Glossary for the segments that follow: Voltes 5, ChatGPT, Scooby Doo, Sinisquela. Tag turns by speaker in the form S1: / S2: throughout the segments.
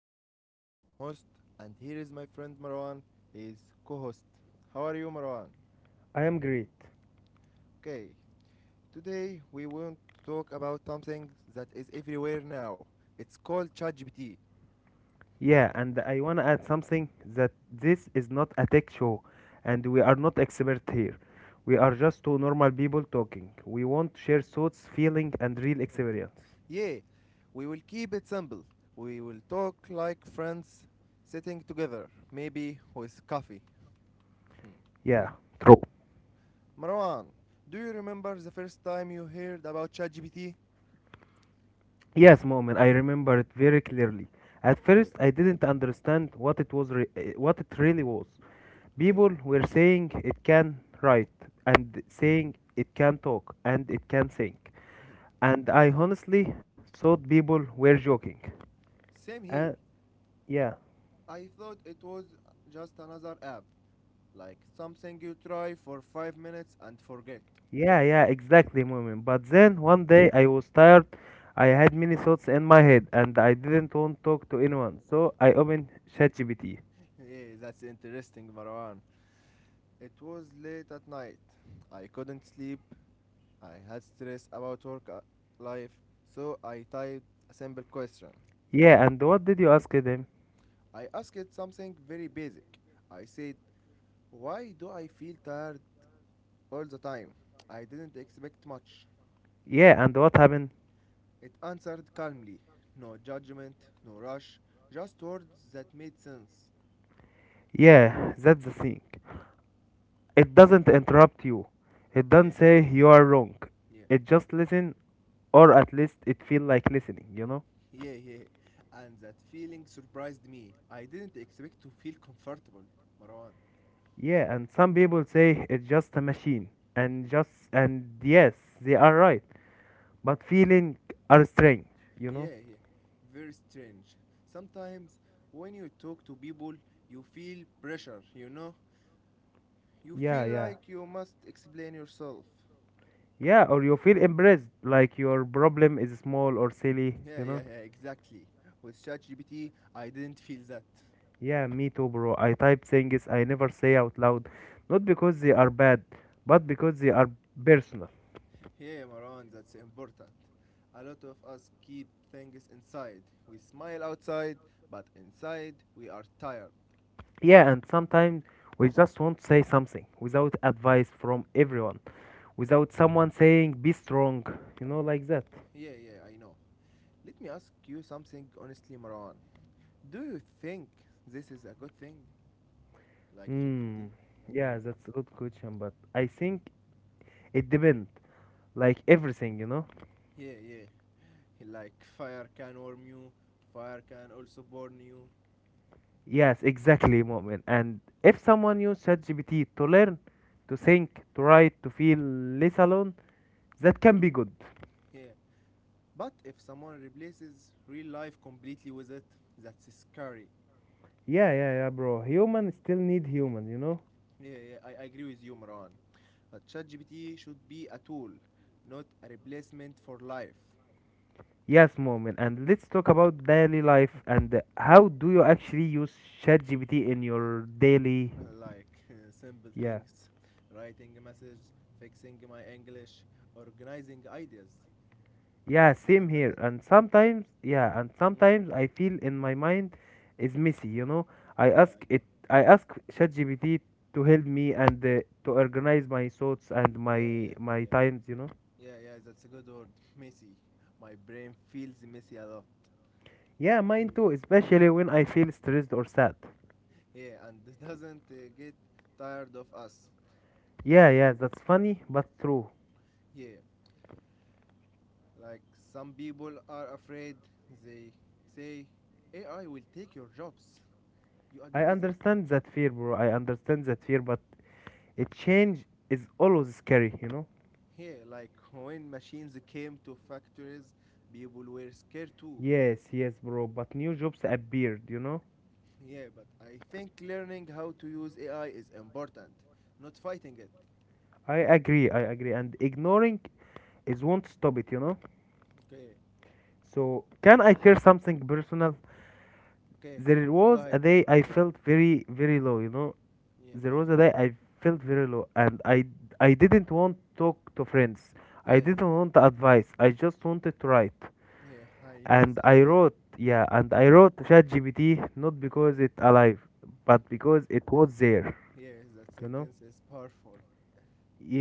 S1: am Mu'min, I am host, and here is my friend Marwan, he is co-host. How are you, Marwan?
S2: I am great.
S1: Okay, today we want to talk about something that is everywhere now. It's called ChatGPT.
S2: Yeah, and I want to add something that this is not a tech show and we are not expert here. We are just two normal people talking. We want to share thoughts, feeling and real experience.
S1: Yeah, we will keep it simple. We will talk like friends sitting together, maybe with coffee.
S2: Yeah. True.
S1: Marwan, do you remember the first time you heard about ChatGPT?
S2: Yes, moment. I remember it very clearly. At first, I didn't understand what it was, what it really was.
S1: Okay.
S2: People were saying it can write, and saying it can talk, and it can think. And I honestly thought people were joking.
S1: Same here.
S2: Uh, Yeah,
S1: I thought it was just another app, like something you try for 5 minutes and forget.
S2: yeah, exactly, moment. But
S1: Yeah,
S2: then one day I was tired. I had many thoughts in my head and I didn't want to talk to anyone. So I
S1: yeah,
S2: opened ChatGPT.
S1: yeah, that's interesting, Marwan. It was late at night. I couldn't sleep. I had stress about work, life, so I typed a simple question.
S2: Yeah, and what did you ask them?
S1: I asked it something very basic. I said, "Why do I feel tired all the time?" I didn't expect much.
S2: Yeah, and what happened?
S1: It answered calmly. No judgment, no rush, just words that made sense.
S2: Yeah, that's the thing. It doesn't interrupt you. It doesn't
S1: Yeah,
S2: say you are wrong.
S1: yeah,
S2: It just listen, or at least it feel like listening,
S1: yeah, yeah. And that feeling surprised me. I didn't expect to feel comfortable, Marwan.
S2: Yeah, and some people say it's just a machine
S1: Hmm.
S2: and yes, they are right. But feeling are strange, you know
S1: Yeah, yeah. Very strange. Sometimes when you talk to people, you feel pressure, you know? You
S2: yeah
S1: feel
S2: yeah
S1: like you must explain yourself.
S2: yeah, or you feel impressed like your problem is small or silly,
S1: Yeah, yeah, yeah, exactly. With ChatGPT, I didn't feel that.
S2: yeah, me too, bro. I type things I never say out loud, not because they are bad, but because they are personal.
S1: Hey Maran, that's important. A lot of us keep things inside. We smile outside, but inside we are tired.
S2: Yeah, and sometimes we just want to say something without advice from everyone, without someone saying be strong, like that.
S1: Yeah, yeah, I know. Let me ask you something honestly, Maran. Do you think this is a good thing? Like
S2: Hmm.
S1: ChatGPT?
S2: Yeah,
S1: Mm.
S2: that's a good question, but I think it depends. Like everything,
S1: Yeah, yeah. Like fire can warm you, fire can also burn you.
S2: Yes, exactly, Mu'min. And if someone use ChatGPT to learn, to think, to write, to feel less alone, that can be good.
S1: Yeah. But if someone replaces real life completely with it, that's scary.
S2: Yeah, bro. Human still need human,
S1: Yeah, yeah, I agree with you, Maran. But ChatGPT should be a tool, not a replacement for life.
S2: Yes, Mu'min. And let's talk about daily life and how do you actually use ChatGPT in your daily...
S1: Like simple
S2: Yeah.
S1: things, writing a message, fixing my English, organizing ideas.
S2: Yeah, same
S1: And that's
S2: here.
S1: it.
S2: And sometimes,
S1: Mm? Mm.
S2: I feel in my mind is messy, I
S1: Yeah,
S2: ask
S1: I know.
S2: it, I ask ChatGPT to help me and to organize my thoughts and
S1: Yeah,
S2: my
S1: yeah,
S2: my
S1: yeah.
S2: times,
S1: Yeah, yeah, that's a good word. Messy. My brain feels messy a lot.
S2: Yeah, mine
S1: Mm.
S2: too, especially when I feel stressed or sad.
S1: Yeah, and doesn't get tired of us.
S2: Yeah, yeah, that's funny but true.
S1: Yeah, like some people are afraid, they say AI will take your jobs. You
S2: I
S1: agree with that?
S2: understand that fear, bro. I understand that fear, but a change is always scary,
S1: Yeah, like when machines came to factories, people were scared too.
S2: Yes, yes, bro. But new jobs appeared,
S1: Yeah, but I think learning how to use AI is important, not fighting it.
S2: I agree, I agree. And ignoring it won't stop it,
S1: Okay,
S2: So can I share something personal?
S1: okay,
S2: There
S1: go
S2: was a
S1: ahead.
S2: day I
S1: Go ahead.
S2: felt very very low,
S1: Yeah,
S2: There
S1: I
S2: was a
S1: know.
S2: day I felt very low, and I didn't want to talk to friends. I
S1: Yeah,
S2: didn't want advice. I just wanted to write,
S1: yeah, I know
S2: and
S1: that feel. I know
S2: I
S1: that feel.
S2: wrote ChatGPT not
S1: Yeah,
S2: because it's alive, but because it was there,
S1: yeah, that
S2: you know.
S1: sentence is powerful.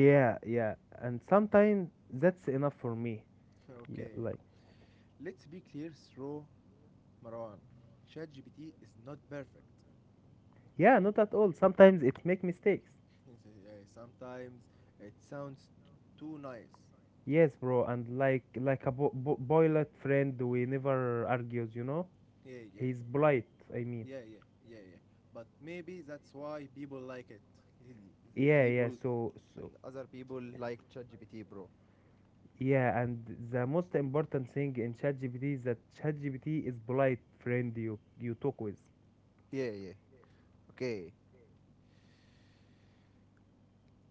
S1: Yeah,
S2: yeah, and sometimes that's enough for me. Yeah,
S1: okay.
S2: like
S1: Let's be clear, through Marwan, ChatGPT is not perfect.
S2: yeah, not at all. Sometimes it make mistakes.
S1: Yeah, yeah. Sometimes it sounds too nice.
S2: Yes, bro, and like a boiler friend, we never argues,
S1: Yeah, yeah,
S2: He's polite. I mean,
S1: yeah, yeah, yeah, yeah. But maybe that's why people like it. Li-
S2: yeah, yeah.
S1: People
S2: So,
S1: and
S2: so
S1: other people like ChatGPT, bro.
S2: yeah, and the most important thing in ChatGPT is that ChatGPT is polite friend you talk with,
S1: Yeah, yeah. Okay.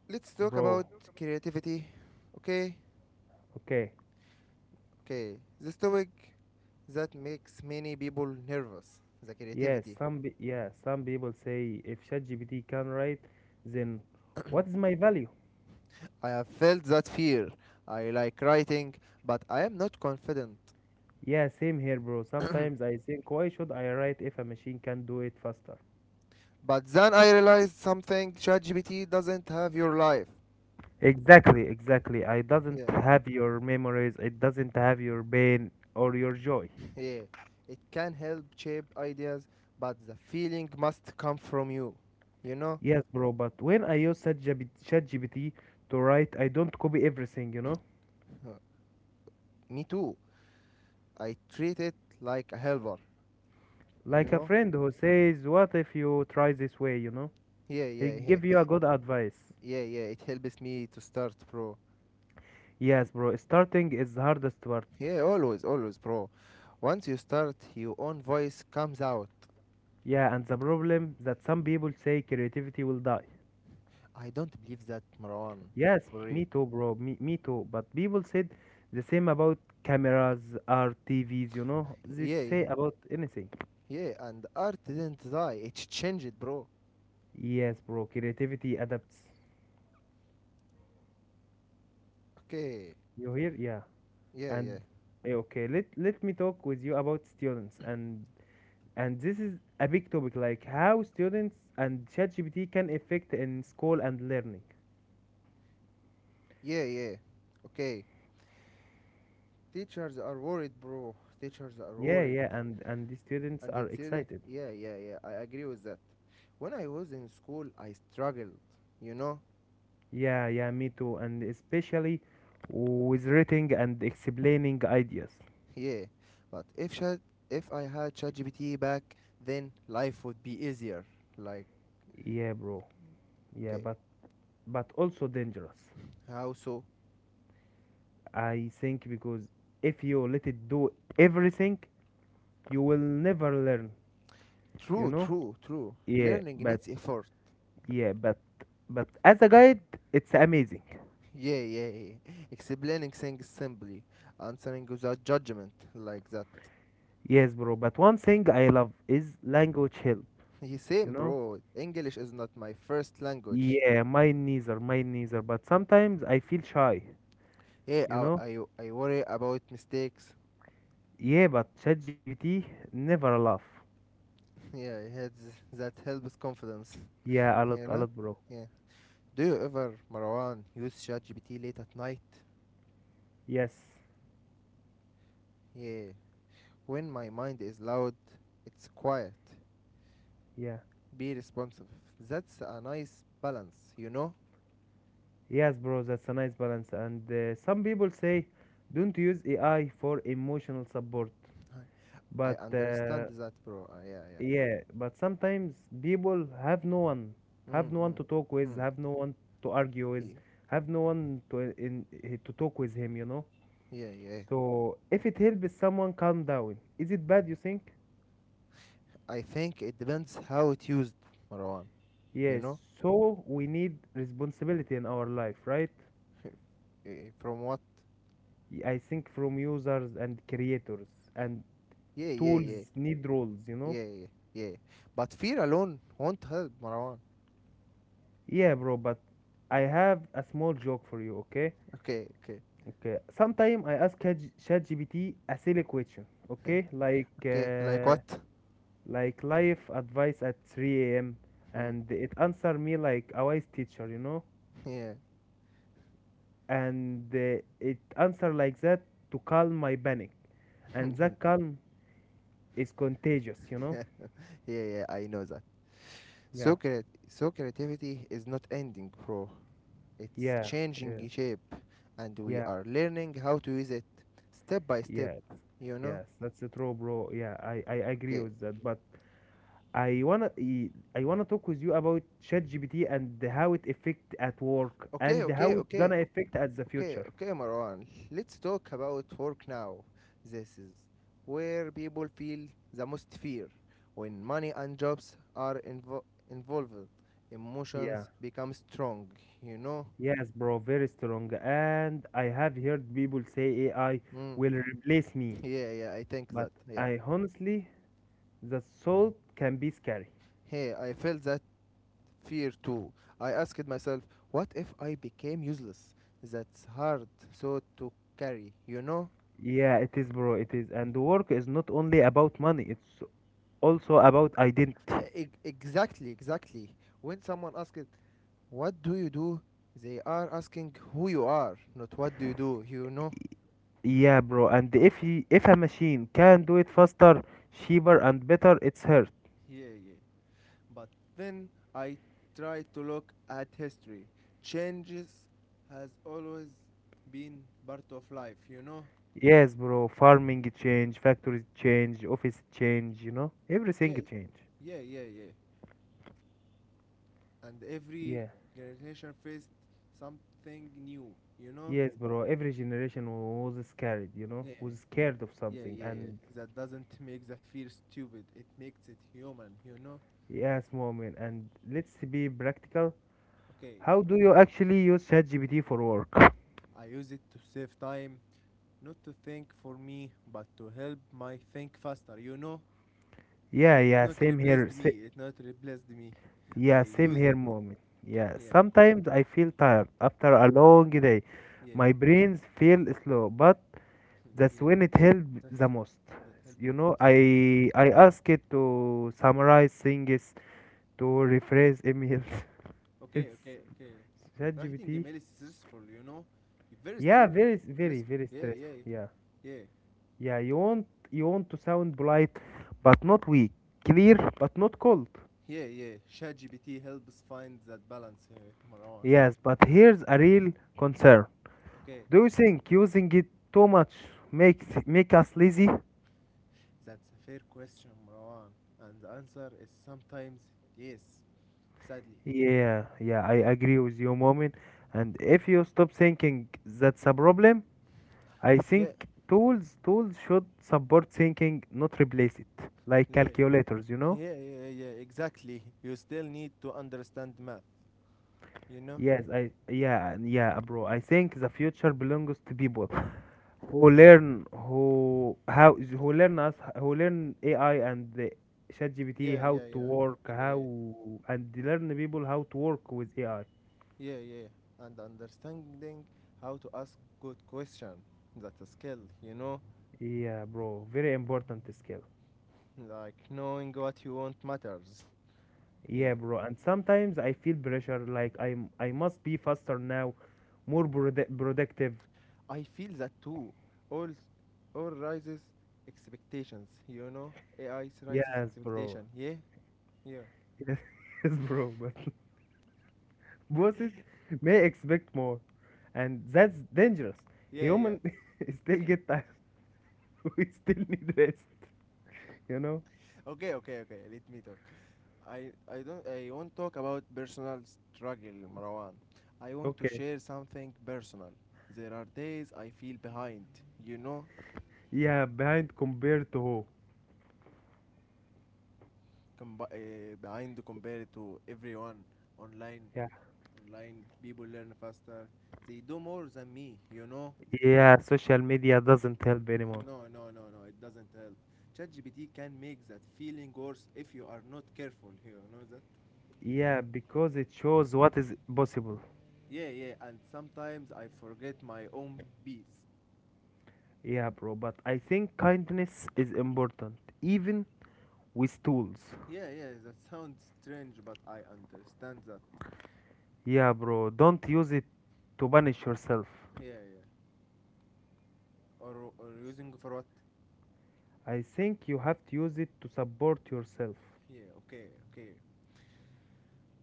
S1: Let's talk
S2: bro.
S1: about creativity. Okay?
S2: Okay.
S1: Okay. This topic that makes many people nervous. The creativity.
S2: Yeah, some people say if ChatGPT can write, then what is my value?
S1: I have felt that fear. I like writing, but I am not confident.
S2: Yeah, same here, bro. Sometimes I think why should I write if a machine can do it faster?
S1: But then I realized something, ChatGPT doesn't have your life.
S2: Exactly, exactly. I doesn't
S1: Yeah,
S2: have your memories, it doesn't have your pain or your joy.
S1: yeah. It can help shape ideas, but the feeling must come from you. You know?
S2: Yes, bro, but when I use ChatGPT to write, I don't copy everything,
S1: Uh, Me too. I treat it like a helper, you
S2: Like a
S1: know?
S2: friend who says, what if you try this way,
S1: Yeah,
S2: He
S1: yeah,
S2: give
S1: yeah.
S2: you a good advice.
S1: Yeah, yeah. It helps me to start, bro.
S2: Yes, bro, starting is the hardest part.
S1: Yeah, always, always, bro. Once you start, your own voice comes out.
S2: Yeah, and the problem that some people say creativity will die.
S1: I don't believe that, Marwan.
S2: Yes,
S1: For real.
S2: me too, bro. Me too. But people said the same about cameras or TVs, They
S1: Yeah, yeah.
S2: say about anything.
S1: Yeah, and art didn't die. It changed, bro.
S2: Yes, bro. Creativity adapts.
S1: Okay.
S2: You hear? Yeah.
S1: Yeah, yeah.
S2: And okay, let me talk with you about students and this is a big topic like how students and ChatGPT can affect in school and learning.
S1: Yeah, yeah. Okay. Teachers are worried, bro. Teachers are
S2: Yeah,
S1: worried.
S2: yeah, and the students
S1: And
S2: are
S1: it didn't.
S2: excited.
S1: Yeah, yeah, yeah. I agree with that. When I was in school, I struggled, you know?
S2: Yeah, yeah, me too. And especially with reading and explaining ideas.
S1: Yeah. But if I had ChatGPT back, then life would be easier. Like,
S2: Yeah, bro. Yeah,
S1: okay.
S2: but also dangerous.
S1: How so?
S2: I think because if you let it do everything, you will never learn, you
S1: True,
S2: know?
S1: true, true.
S2: Yeah,
S1: Learning
S2: but
S1: needs effort.
S2: yeah, but as a guide, it's amazing.
S1: Yeah, yeah, yeah, yeah. Explaining things simply, answering without judgment, like that.
S2: Yes, bro, but one thing I love is language help,
S1: He
S2: you
S1: same,
S2: know?
S1: bro. English is not my first language.
S2: Yeah, mine neither, but sometimes I feel shy,
S1: Yeah,
S2: you
S1: I,
S2: know?
S1: I, I worry about mistakes.
S2: Yeah, but ChatGPT never laugh.
S1: Yeah, yeah, that helps confidence.
S2: Yeah,
S1: You
S2: a
S1: know?
S2: lot, bro.
S1: Yeah. Do you ever, Marwan, use ChatGPT late at night?
S2: Yes.
S1: Yeah. When my mind is loud, it's quiet.
S2: Yeah.
S1: Be responsive. That's a nice balance, you know?
S2: Yes, bro, that's a nice balance. And some people say don't use AI for emotional support.
S1: I I
S2: But
S1: understand that, bro. Yeah, yeah.
S2: yeah, but sometimes people
S1: Mm,
S2: have no one
S1: mm,
S2: to talk with,
S1: mm.
S2: have no one to argue with,
S1: Ye-
S2: have no one to to talk with him,
S1: Yeah, yeah.
S2: So if it helps someone calm down, is it bad, you think?
S1: I think it depends how it used, Marwan. You
S2: Yes.
S1: know,
S2: So we need responsibility in our life, right?
S1: From what?
S2: I think from users and creators and
S1: Yeah, yeah, yeah,
S2: tools need rules,
S1: yeah, yeah, yeah. But fear alone won't help, Marwan.
S2: Yeah, bro, but I have a small joke for you, okay?
S1: Okay, okay,
S2: Okay. Sometime I ask ChatGPT a silly question, okay?
S1: okay. Like what?
S2: Like life advice at 3 a.m.
S1: Mm.
S2: and it answer me like a wise teacher,
S1: Yeah,
S2: And it answer like that to calm my panic. And that calm is contagious,
S1: yeah, yeah. I know that.
S2: Yeah.
S1: So creativity is not ending, bro. It's
S2: Yeah.
S1: changing
S2: Yeah.
S1: shape, and we
S2: Yeah.
S1: are learning how to use it step by step.
S2: Yeah.
S1: You know.
S2: Yes, that's the true, bro. Yeah, I agree
S1: Okay.
S2: with that. But I wanna talk with you about ChatGPT and how it affect at work
S1: Okay,
S2: and
S1: okay,
S2: how it
S1: okay,
S2: gonna affect at the
S1: okay,
S2: future.
S1: okay, Marwan. Let's talk about work now. This is where people feel the most fear. When money and jobs are involved,
S2: Yeah.
S1: emotions become strong, you know?
S2: Yes, bro, very strong. And I have heard people say AI
S1: Mm.
S2: will replace me,
S1: Yeah, yeah, I think
S2: but
S1: that, yeah.
S2: I honestly, the thought can be scary.
S1: Hey, I felt that fear too. I asked myself, what if I became useless? That's hard so to carry, you know?
S2: Yeah, it is, bro, it is. And work is not only about money, it's also about identity.
S1: Exactly, exactly. When someone asks, "What do you do?" They are asking who you are, not what do, you know?
S2: Yeah, bro, and if a machine can do it faster, cheaper, and better, it's hers.
S1: Yeah, yeah. But then I try to look at history. Changes has always been part of life, you know?
S2: Yes, bro. Farming change, factories change, office change,
S1: Yeah,
S2: Everything change.
S1: yeah, yeah, yeah. And every
S2: Yeah.
S1: generation faced something new, you know?
S2: Yes, bro. Every generation was scared,
S1: Yeah,
S2: Was scared of
S1: yeah,
S2: something.
S1: yeah, yeah.
S2: And
S1: That doesn't make the fear stupid, it makes it human, you know?
S2: yes, moment. And let's be practical.
S1: Okay,
S2: How do you actually use ChatGPT for work?
S1: I use it to save time, not to think for me, but to help my think faster. You know,
S2: Yeah,
S1: it
S2: yeah,
S1: not
S2: same
S1: replaced
S2: here.
S1: me. It not replaced me. I use it.
S2: Moment. Yeah,
S1: Yeah,
S2: sometimes I feel tired after a long day.
S1: yeah,
S2: My brains feel slow, but that's
S1: yeah.
S2: when it helped
S1: That,
S2: the most.
S1: that helped me the most.
S2: I
S1: Yeah.
S2: I ask it to summarize things, to rephrase emails.
S1: Okay,
S2: it's
S1: okay, okay. Writing
S2: ChatGPT.
S1: email is stressful. You know, very
S2: Yeah, very
S1: stressful.
S2: very
S1: Yeah, yeah,
S2: stressful. Yeah,
S1: yeah,
S2: yeah. You want to sound polite, but not weak. Clear, but not cold.
S1: yeah, yeah. ChatGPT helps find that balance, Marwan.
S2: Yes, but here's a real concern.
S1: Okay,
S2: Do you think using it too much make us lazy?
S1: that's a fair question, Marwan. And the answer is sometimes yes. Sadly.
S2: Yeah, yeah, I agree with you, Moment. And if you stop thinking that's a problem, I
S1: Yeah.
S2: think tools should support thinking, not replace it. Like
S1: Yeah.
S2: calculators,
S1: Yeah, yeah, yeah, exactly. You still need to understand math, you know?
S2: Yes, I yeah, yeah, bro. I think the future belongs to people who learn who how who learn us who learn AI and the ChatGPT
S1: Yeah,
S2: how
S1: yeah,
S2: to
S1: yeah.
S2: work
S1: Yeah,
S2: how
S1: yeah.
S2: and learn people how to work with AI.
S1: Yeah, yeah. And understanding how to ask good question. That's a skill, you know?
S2: Yeah, bro, very important skill.
S1: Like knowing what you want matters.
S2: Yeah,
S1: Yeah.
S2: bro. And sometimes I feel pressure, like I must be faster now, productive.
S1: I feel that too. All all rises expectations, you know? AI raises
S2: Yes, bro.
S1: expectation. Yeah? Yeah.
S2: Yes, bro. But bosses may expect more, and that's dangerous.
S1: Yeah, yeah.
S2: Human still get tired. We still need rest. You know?
S1: Okay, okay, okay. Let me talk. I won't talk about personal struggle, Marwan. I want to
S2: Okay.
S1: share something personal. There are days I feel behind, you know,
S2: Yeah, behind compared to who?
S1: combi behind compared to everyone online.
S2: Yeah.
S1: Online people learn faster. They do more than me, you know.
S2: Yeah, social media doesn't help anymore.
S1: No, no, no, no. It doesn't help. ChatGPT can make that feeling worse if you are not careful. You know that?
S2: Yeah, because it shows what is possible.
S1: Yeah, yeah. And sometimes I forget my own peace.
S2: Yeah, bro, but I think kindness is important, even with tools.
S1: Yeah, yeah, that sounds strange, but I understand that.
S2: Yeah, bro, don't
S1: Like,
S2: use it to punish yourself.
S1: yeah, yeah. Or using for what?
S2: I think you have to use it to support yourself.
S1: Yeah, okay, okay.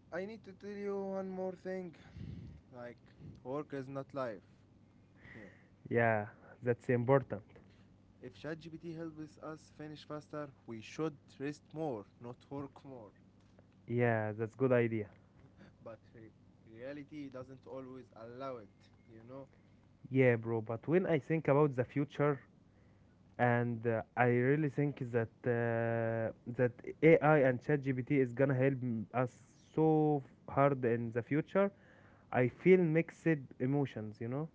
S1: I need to tell you one more thing. Like, work is not life. Yeah.
S2: Yeah, that's important.
S1: If ChatGPT helps us finish faster, we should rest more, not work more.
S2: Yeah, that's good idea.
S1: But reality doesn't always allow it, you know?
S2: Yeah, bro, but when I think about the future and I really think that AI and ChatGPT is gonna help us so hard in the future, I feel mixed emotions,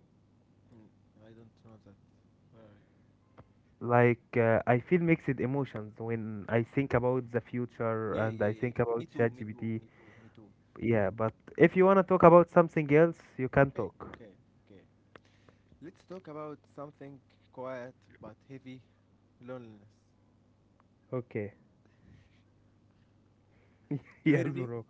S1: Mm, I don't know that. Where are
S2: Like I feel mixed emotions when I think about the future
S1: you? Yeah,
S2: and
S1: yeah,
S2: I
S1: yeah.
S2: think
S1: Me
S2: about
S1: too, me too,
S2: ChatGPT.
S1: me too, me too, me too.
S2: Yeah, but if you wanna talk about something else, you can
S1: Okay,
S2: talk.
S1: okay, okay. Let's talk about something quiet but heavy, loneliness.
S2: Okay.
S1: You
S2: Yes,
S1: hear me?
S2: bro.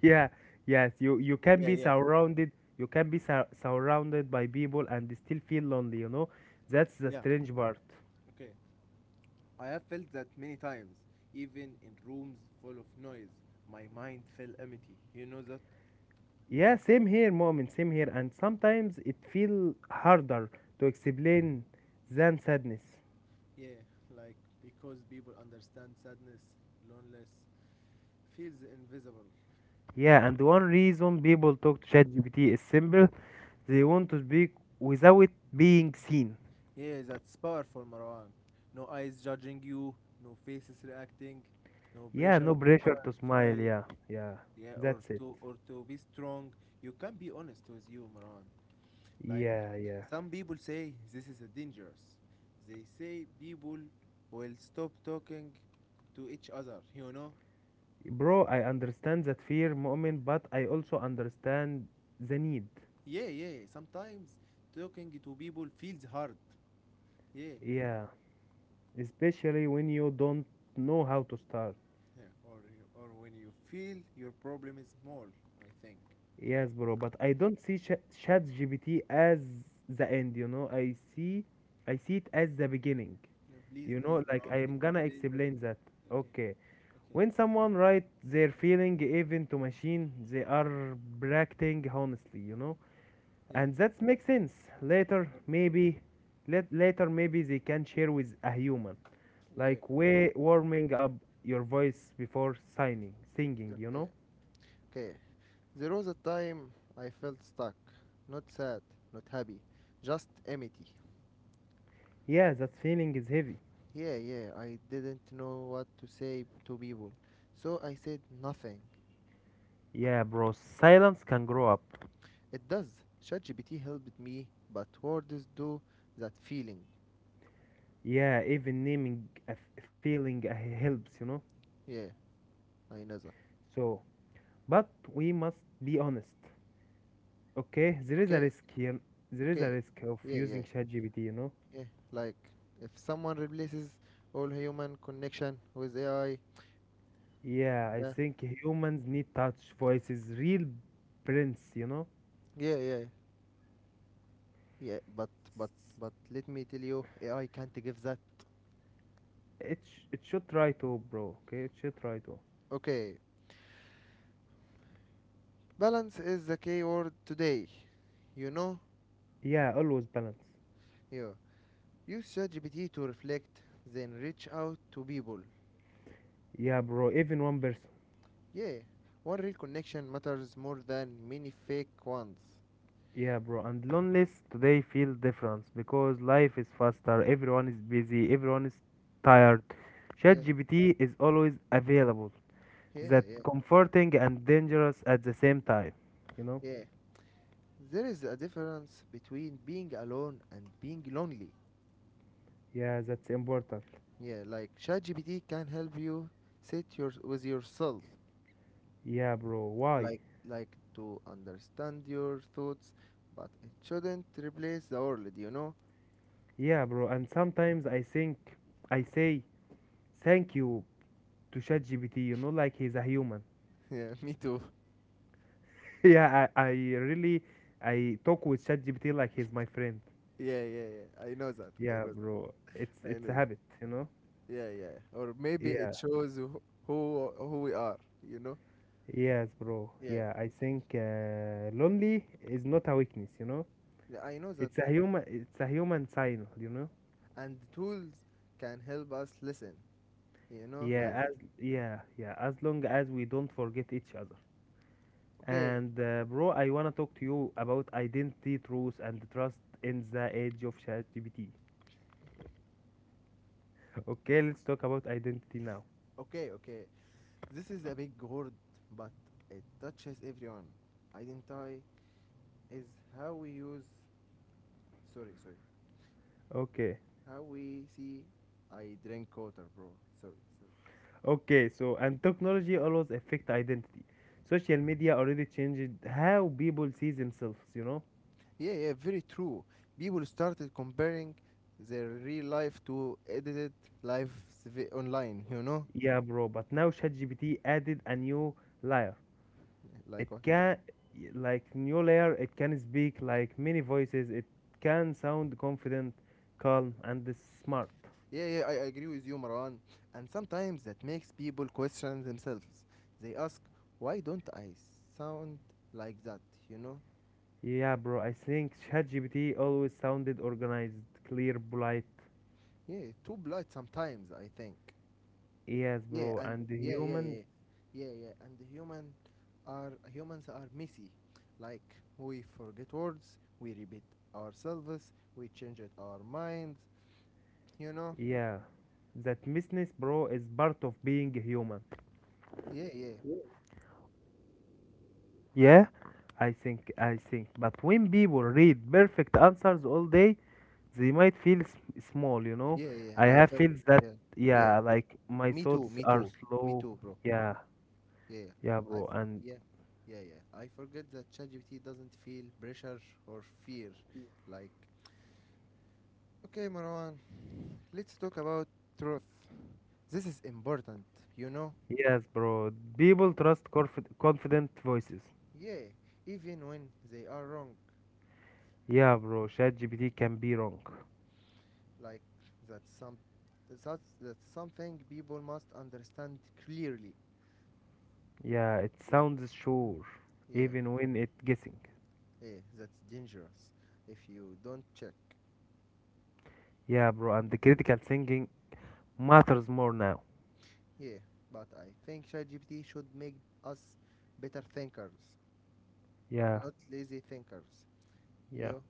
S2: Yeah. Yes, you can
S1: Yeah,
S2: be
S1: yeah,
S2: surrounded, you can be surrounded by people and still feel lonely, That's the
S1: yeah.
S2: strange part.
S1: Okay. I have felt that many times, even in rooms full of noise. My mind felt empty. You know that?
S2: Yeah, same here, moment, same here. And sometimes it feel harder to explain than sadness.
S1: Yeah, like because people understand sadness, loneliness feels invisible.
S2: Yeah, and one reason people talk to ChatGPT is simple. They want to speak without being seen.
S1: Yeah, that's powerful, Marwan. No eyes judging you, no faces reacting, no
S2: Yeah,
S1: pressure
S2: no
S1: to
S2: pressure
S1: smile,
S2: to smile.
S1: smile
S2: Yeah, yeah,
S1: yeah, or
S2: that's it.
S1: to be strong. You can be honest with you, Maran. Like,
S2: Yeah, yeah.
S1: some people say this is a dangerous, they say people will stop talking to each other, you know.
S2: Bro, I understand that fear, moment, but I also understand the need.
S1: Yeah, yeah, sometimes talking to people feels hard. Yeah.
S2: Yeah, especially when you don't know how to start.
S1: Yeah, or when you feel your problem is small, I think.
S2: Yes, bro, but I don't see ChatGPT as the end, I see it as the beginning.
S1: Yeah, please,
S2: You
S1: please,
S2: know, like
S1: Maran,
S2: I am gonna
S1: explain that.
S2: explain that.
S1: Okay,
S2: Okay.
S1: okay.
S2: When someone writes their feeling even to machine, they are bracting honestly,
S1: Yeah,
S2: And that makes sense. Later, maybe, later maybe they can share with a human.
S1: yeah.
S2: Like way warming up your voice before singing, you know?
S1: Okay, okay. There was a time I felt stuck. Not sad, not happy, just empty.
S2: Yeah, that feeling is heavy.
S1: Yeah, yeah, I didn't know what to say to people, so I said nothing.
S2: Yeah, bro, silence can grow up.
S1: It does. ChatGPT helped me, but words do that feeling.
S2: Yeah, even naming a feeling helps, you know?
S1: Yeah, I know that.
S2: So, but we must be honest. Okay, there is a
S1: Okay,
S2: risk here. There is a
S1: okay.
S2: risk of
S1: Yeah,
S2: using
S1: yeah,
S2: ChatGPT, you know?
S1: yeah. Like, if someone replaces all human connection with AI,
S2: Yeah, I
S1: yeah,
S2: think humans need touch, voices, real prints, you know?
S1: yeah, yeah, yeah. But, but let me tell you, AI can't give that.
S2: It should try to, bro, okay? It should try to.
S1: Okay, balance is the key word today. You know,
S2: Yeah, always balance.
S1: you use ChatGPT to reflect, then reach out to people.
S2: Yeah, bro, even one person.
S1: Yeah, one real connection matters more than many fake ones.
S2: Yeah, bro, and loneliness today feels different because life is faster, everyone is busy, everyone is tired.
S1: Yeah,
S2: ChatGPT is always available.
S1: yeah,
S2: That
S1: yeah,
S2: comforting and dangerous at the same time, you know?
S1: yeah. There is a difference between being alone and being lonely.
S2: Yeah, that's important.
S1: Yeah, like ChatGPT can help you sit with yourself,
S2: Yeah, bro. Why?
S1: like to understand your thoughts, but it shouldn't replace the world. You know.
S2: Yeah, bro. And sometimes I think I say thank you to ChatGPT, you know, like he's a human.
S1: Yeah, me too.
S2: Yeah, I really I talk with ChatGPT like he's my friend.
S1: Yeah, yeah, yeah. I know that. I
S2: Yeah,
S1: know
S2: bro.
S1: that.
S2: It's
S1: I
S2: it's a
S1: know that.
S2: habit, you know.
S1: Yeah, yeah. Or maybe it
S2: Yeah.
S1: shows who we are, you know?
S2: Yes, bro.
S1: Yeah.
S2: Yeah, I think lonely is not a weakness, you know.
S1: Yeah. I know that.
S2: It's a human sign, you know.
S1: And the tools can help us listen, you know, as
S2: As long as we don't forget each other.
S1: okay,
S2: And bro, I wanna talk to you about identity, truth, and trust in the age of ChatGPT. Okay, let's talk about identity now.
S1: okay, okay. This is a big word, but it touches everyone. Identity is how we use, sorry, sorry.
S2: Okay,
S1: How we see I drink water, bro. Sorry, sorry.
S2: okay. So, and technology always affect identity. Social media already changed how people see themselves. You know?
S1: Yeah, yeah, very true. People started comparing their real life to edited lives online, you know?
S2: Yeah, bro. But now ChatGPT added a new layer. It
S1: Like what?
S2: can, like, new layer. It can speak like many voices. It can sound confident, calm, and smart.
S1: Yeah, yeah, I agree with you, Marwan. And sometimes that makes people question themselves. They ask, why don't I sound like that, you know?
S2: Yeah, bro, I think ChatGPT always sounded organized, clear, polite.
S1: Yeah, too polite sometimes, I think.
S2: Yes,
S1: Yeah,
S2: bro,
S1: and
S2: and the
S1: yeah, yeah,
S2: humans,
S1: yeah, yeah, yeah, yeah, and the humans are messy. Like we forget words, we repeat ourselves, we change it our minds. You know?
S2: yeah. That messiness, bro, is part of being human.
S1: Yeah, yeah,
S2: Yeah, I think. But when people read perfect answers all day, they might feel s small, you know?
S1: yeah, yeah.
S2: I
S1: I
S2: have
S1: felt
S2: feels that,
S1: yeah, yeah.
S2: yeah, like my
S1: Me too,
S2: thoughts
S1: me
S2: are
S1: too, me
S2: slow.
S1: too, bro.
S2: Yeah,
S1: Yeah, yeah.
S2: yeah, bro, and
S1: Yeah, yeah, yeah. I forget that ChatGPT doesn't feel pressure or fear. Like, okay, Marwan, let's talk about truth. This is important, you know?
S2: Yes, bro, people trust confident voices.
S1: Yeah, even when they are wrong,
S2: Yeah, bro, ChatGPT can be wrong.
S1: like that's some that's that's something people must understand clearly.
S2: Yeah, it
S1: Like,
S2: sounds
S1: mm,
S2: sure,
S1: yeah,
S2: even when it guessing.
S1: yeah, that's dangerous if you don't check.
S2: Yeah, bro, and the critical thinking matters more now.
S1: Yeah, but I think ChatGPT should make us better thinkers,
S2: Yeah,
S1: not lazy thinkers.
S2: yeah,
S1: You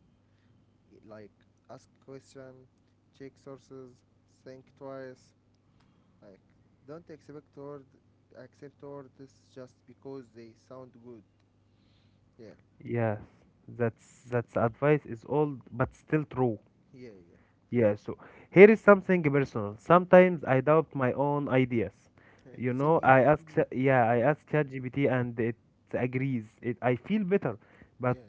S1: like ask question, check sources, think twice. Like, don't accept or accept words just because they sound good. Yeah,
S2: yes. That's advice is old but still true.
S1: yeah, yeah.
S2: Yeah, so here is something personal. Sometimes I doubt my own ideas.
S1: Hey,
S2: You know,
S1: same here, same here.
S2: yeah, I
S1: Yeah,
S2: ask ChatGPT and it agrees. It, I feel better, but
S1: yeah,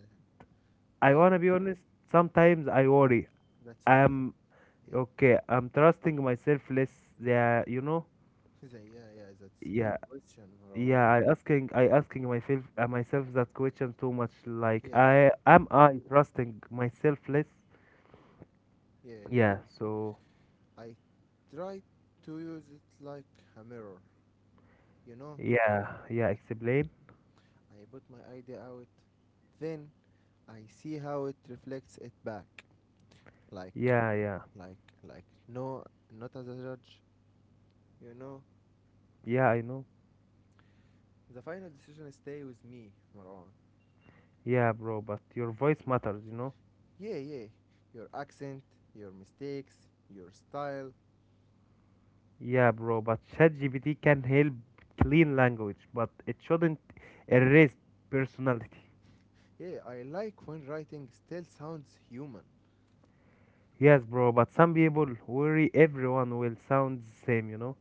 S2: I
S1: yeah.
S2: wanna be honest. Sometimes I worry.
S1: That's honest.
S2: Am
S1: Yeah,
S2: Okay, I'm trusting myself less. Yeah, you know.
S1: Yeah, yeah. That's
S2: Yeah,
S1: deep question, Marwan.
S2: yeah. I asking myself, myself that question too much. Like,
S1: Yeah,
S2: I trusting myself less?
S1: yeah, yeah.
S2: Yeah. So,
S1: I try to use it like a mirror. You know,
S2: yeah, yeah. Explain.
S1: I put my idea out, then I see how it reflects it back. Like,
S2: Yeah, yeah,
S1: like. No, not as a judge. You know,
S2: yeah. I know.
S1: the final decision stay with me, Marwan.
S2: Yeah, bro. But your voice matters, you know.
S1: Yeah, yeah. Your accent, your mistakes, your style.
S2: Yeah, bro. But ChatGPT can help clean language, but it shouldn't erase personality.
S1: Yeah, I like when writing still sounds human.
S2: Yes, bro. But some people worry everyone will sound the same, you know.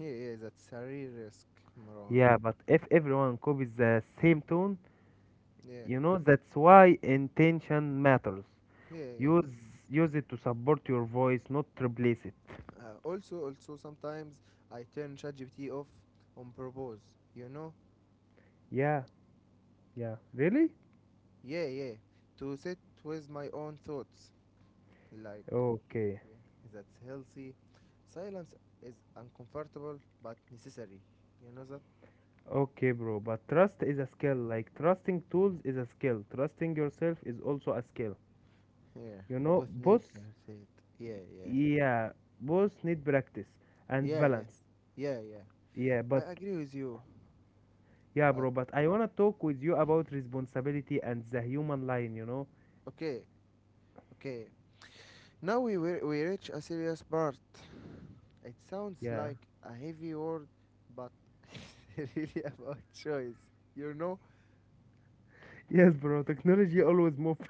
S1: Yeah, yeah, that's a real risk, Marwan.
S2: Yeah, but if everyone copies the same tone,
S1: Yeah,
S2: you know that's why intention matters.
S1: yeah, yeah.
S2: Use Use it to support your voice, not replace it.
S1: Also, also sometimes I turn ChatGPT off on purpose. You know?
S2: Yeah, yeah. Really?
S1: Yeah, yeah. To sit with my own thoughts, like
S2: Okay.
S1: yeah, that's healthy. Silence is uncomfortable but necessary. You know that?
S2: Okay, bro. But trust is a skill. Like trusting tools is a skill. Trusting yourself is also a skill.
S1: Yeah,
S2: You know,
S1: both need
S2: both
S1: it. Yeah, yeah,
S2: yeah, both need practice and
S1: yeah, yeah,
S2: balance.
S1: yeah, yeah.
S2: Yeah, but
S1: I agree with you.
S2: yeah,
S1: But
S2: bro, but I wanna talk with you about responsibility and the human line, you know?
S1: okay, okay. We reach a serious part. It sounds
S2: Yeah.
S1: like a heavy word, but really about choice. You know?
S2: Yes, bro. Technology always move.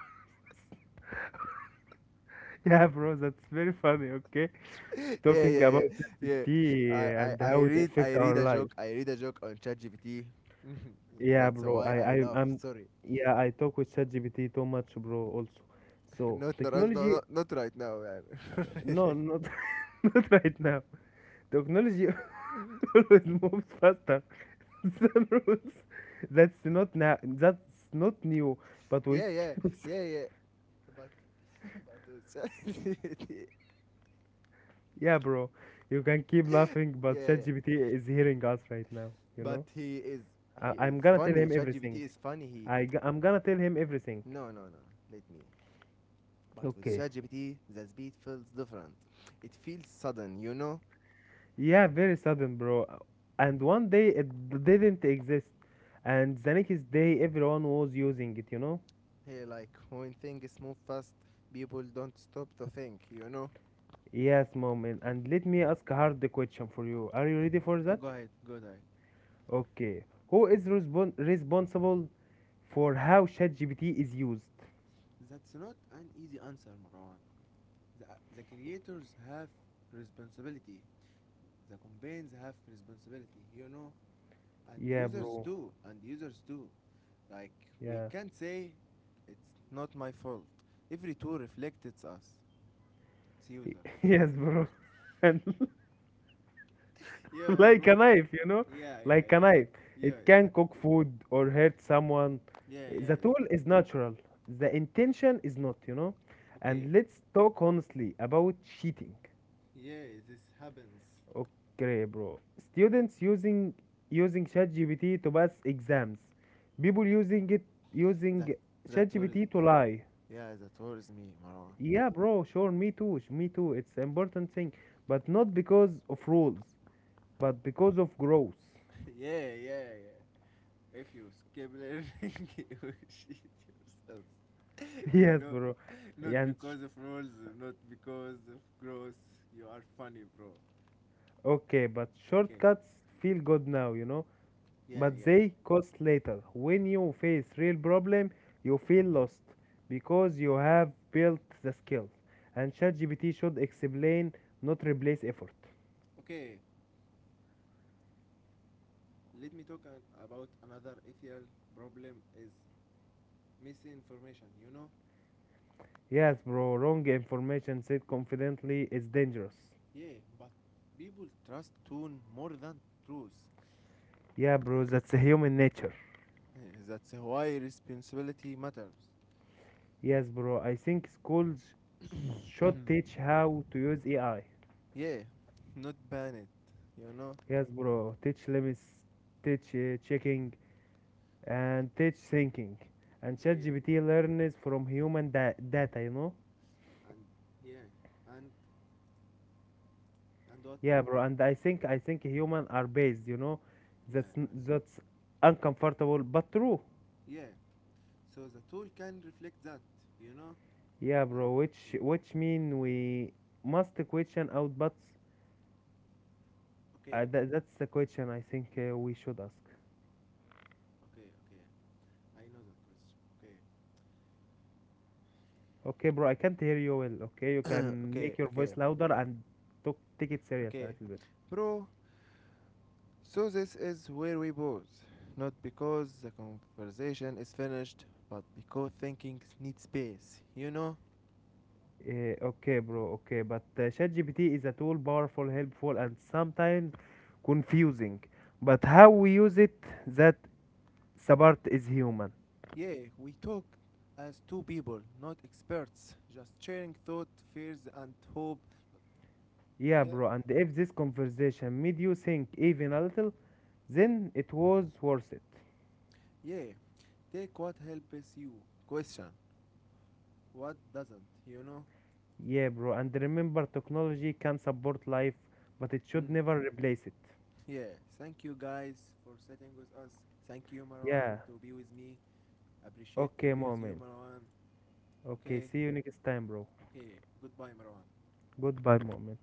S2: Yeah, bro. That's very funny. Okay,
S1: yeah,
S2: talking
S1: yeah,
S2: about
S1: yeah, yeah. I,
S2: ChatGPT
S1: I,
S2: and
S1: I
S2: how it
S1: read I
S2: affect
S1: read
S2: our
S1: a
S2: life.
S1: joke. I read a joke on ChatGPT.
S2: Yeah,
S1: That's
S2: bro.
S1: why I laugh.
S2: I'm.
S1: Sorry,
S2: Yeah, I talk with ChatGPT too much, bro. Also, so
S1: not no, no, no,
S2: technology.
S1: not right now, man.
S2: No, not not right now. Technology always moves faster than rules. That's not now. That's not new. But with,
S1: yeah, yeah, yeah, yeah. But but it's-
S2: yeah, bro. You can keep laughing, but
S1: yeah, yeah.
S2: ChatGPT is hearing us right now. You
S1: But
S2: know.
S1: he is
S2: I'm gonna tell him
S1: funny. ChatGPT
S2: everything.
S1: is funny. He
S2: I'm gonna tell him everything.
S1: no, no, no. Let me. But with
S2: Okay.
S1: ChatGPT, the speed feels different. It feels sudden, you know.
S2: Yeah, very sudden, bro. And one day it didn't exist. And the next day, everyone was using it, you know?
S1: Hey, like when things move fast, people don't stop to think, you know.
S2: Yes, mom. And Let me ask a hard question for you. Are you ready for that?
S1: Go ahead, go ahead.
S2: Okay. Who is responsible for how ChatGPT is used?
S1: That's not an easy answer, Marwan. The, the creators have responsibility. The companies have responsibility, you know, and
S2: Yeah,
S1: users
S2: bro.
S1: do and users do like we
S2: Yeah.
S1: can't say it's not my fault, every tool reflects it's user, you know.
S2: Yes, bro. And
S1: Yeah, yeah,
S2: like a
S1: bro,
S2: knife, you know,
S1: yeah, yeah,
S2: like a
S1: yeah, yeah,
S2: knife. It
S1: yeah. Is
S2: can
S1: that-
S2: cook food or hurt someone.
S1: yeah, yeah,
S2: The
S1: yeah.
S2: tool is natural, the intention is not, you know.
S1: Okay,
S2: And let's talk honestly about cheating.
S1: yeah, this happens.
S2: Okay, bro. Students using using ChatGPT to pass exams. People using it
S1: that
S2: using
S1: that worries,
S2: ChatGPT to lie.
S1: yeah, that worries me, Marwan.
S2: Yeah, bro, sure, me too. It's important thing, but not because of rules, but because of growth.
S1: yeah, yeah, yeah. If you skip learning, you will cheat yourself. You
S2: Yes,
S1: know,
S2: bro.
S1: not
S2: And
S1: because of rules, not because of growth. You are funny, bro.
S2: okay, but
S1: Okay,
S2: shortcuts feel good now, you know,
S1: yeah,
S2: but
S1: yeah.
S2: they cost later. When you face real problem, you feel lost because you have built the skills. And ChatGPT should explain, not replace effort.
S1: Okay, let me talk about another ethical problem is misinformation. You know,
S2: Yes, bro, wrong information said confidently is dangerous.
S1: yeah, but people trust tune more than truth.
S2: Yeah, bro, that's human nature.
S1: That's why responsibility matters.
S2: Yes, bro, I think schools should teach how to use AI.
S1: yeah, not ban it. You know.
S2: Yes, bro, teach limits, teach checking and teach thinking. And
S1: Yeah, yeah,
S2: ChatGPT learns from human data, you know.
S1: and yeah, and and what,
S2: Yeah, bro. And I think human are based, you know.
S1: yeah,
S2: That's
S1: no,
S2: n- that's uncomfortable but true.
S1: yeah, so the tool can reflect that, you know,
S2: Yeah,
S1: like
S2: bro. Which mean we must question outputs.
S1: okay,
S2: That's the question I think we should ask.
S1: okay, okay, I know that question okay.
S2: Okay, bro. I can't hear you well. Okay, you can
S1: Okay,
S2: make your
S1: okay,
S2: voice louder and talk, take it serious
S1: okay
S2: a little bit.
S1: bro, so this is where we pause, not because the conversation is finished, but because thinking needs space, you know.
S2: Okay, bro. Okay, but ChatGPT is a tool powerful, helpful, and sometimes confusing. But how we use it, that the part is human.
S1: Yeah, we talk as two people, not experts, just sharing thought, fears and hope.
S2: Yeah,
S1: Yeah,
S2: bro. And if this conversation made you think even a little, then it was worth it.
S1: yeah. Take what helps you. Question what doesn't, you know?
S2: Yeah, bro. And remember, technology can support life, but it should
S1: Mm.
S2: never replace it.
S1: Yeah, thank you guys for sitting with us. Thank you, Marwan,
S2: Yeah.
S1: to be with me. Appreciate to
S2: Okay,
S1: be with you,
S2: moment.
S1: Marwan.
S2: Okay.
S1: Okay,
S2: See you next time, bro.
S1: okay. Goodbye, Marwan.
S2: Goodbye, moment.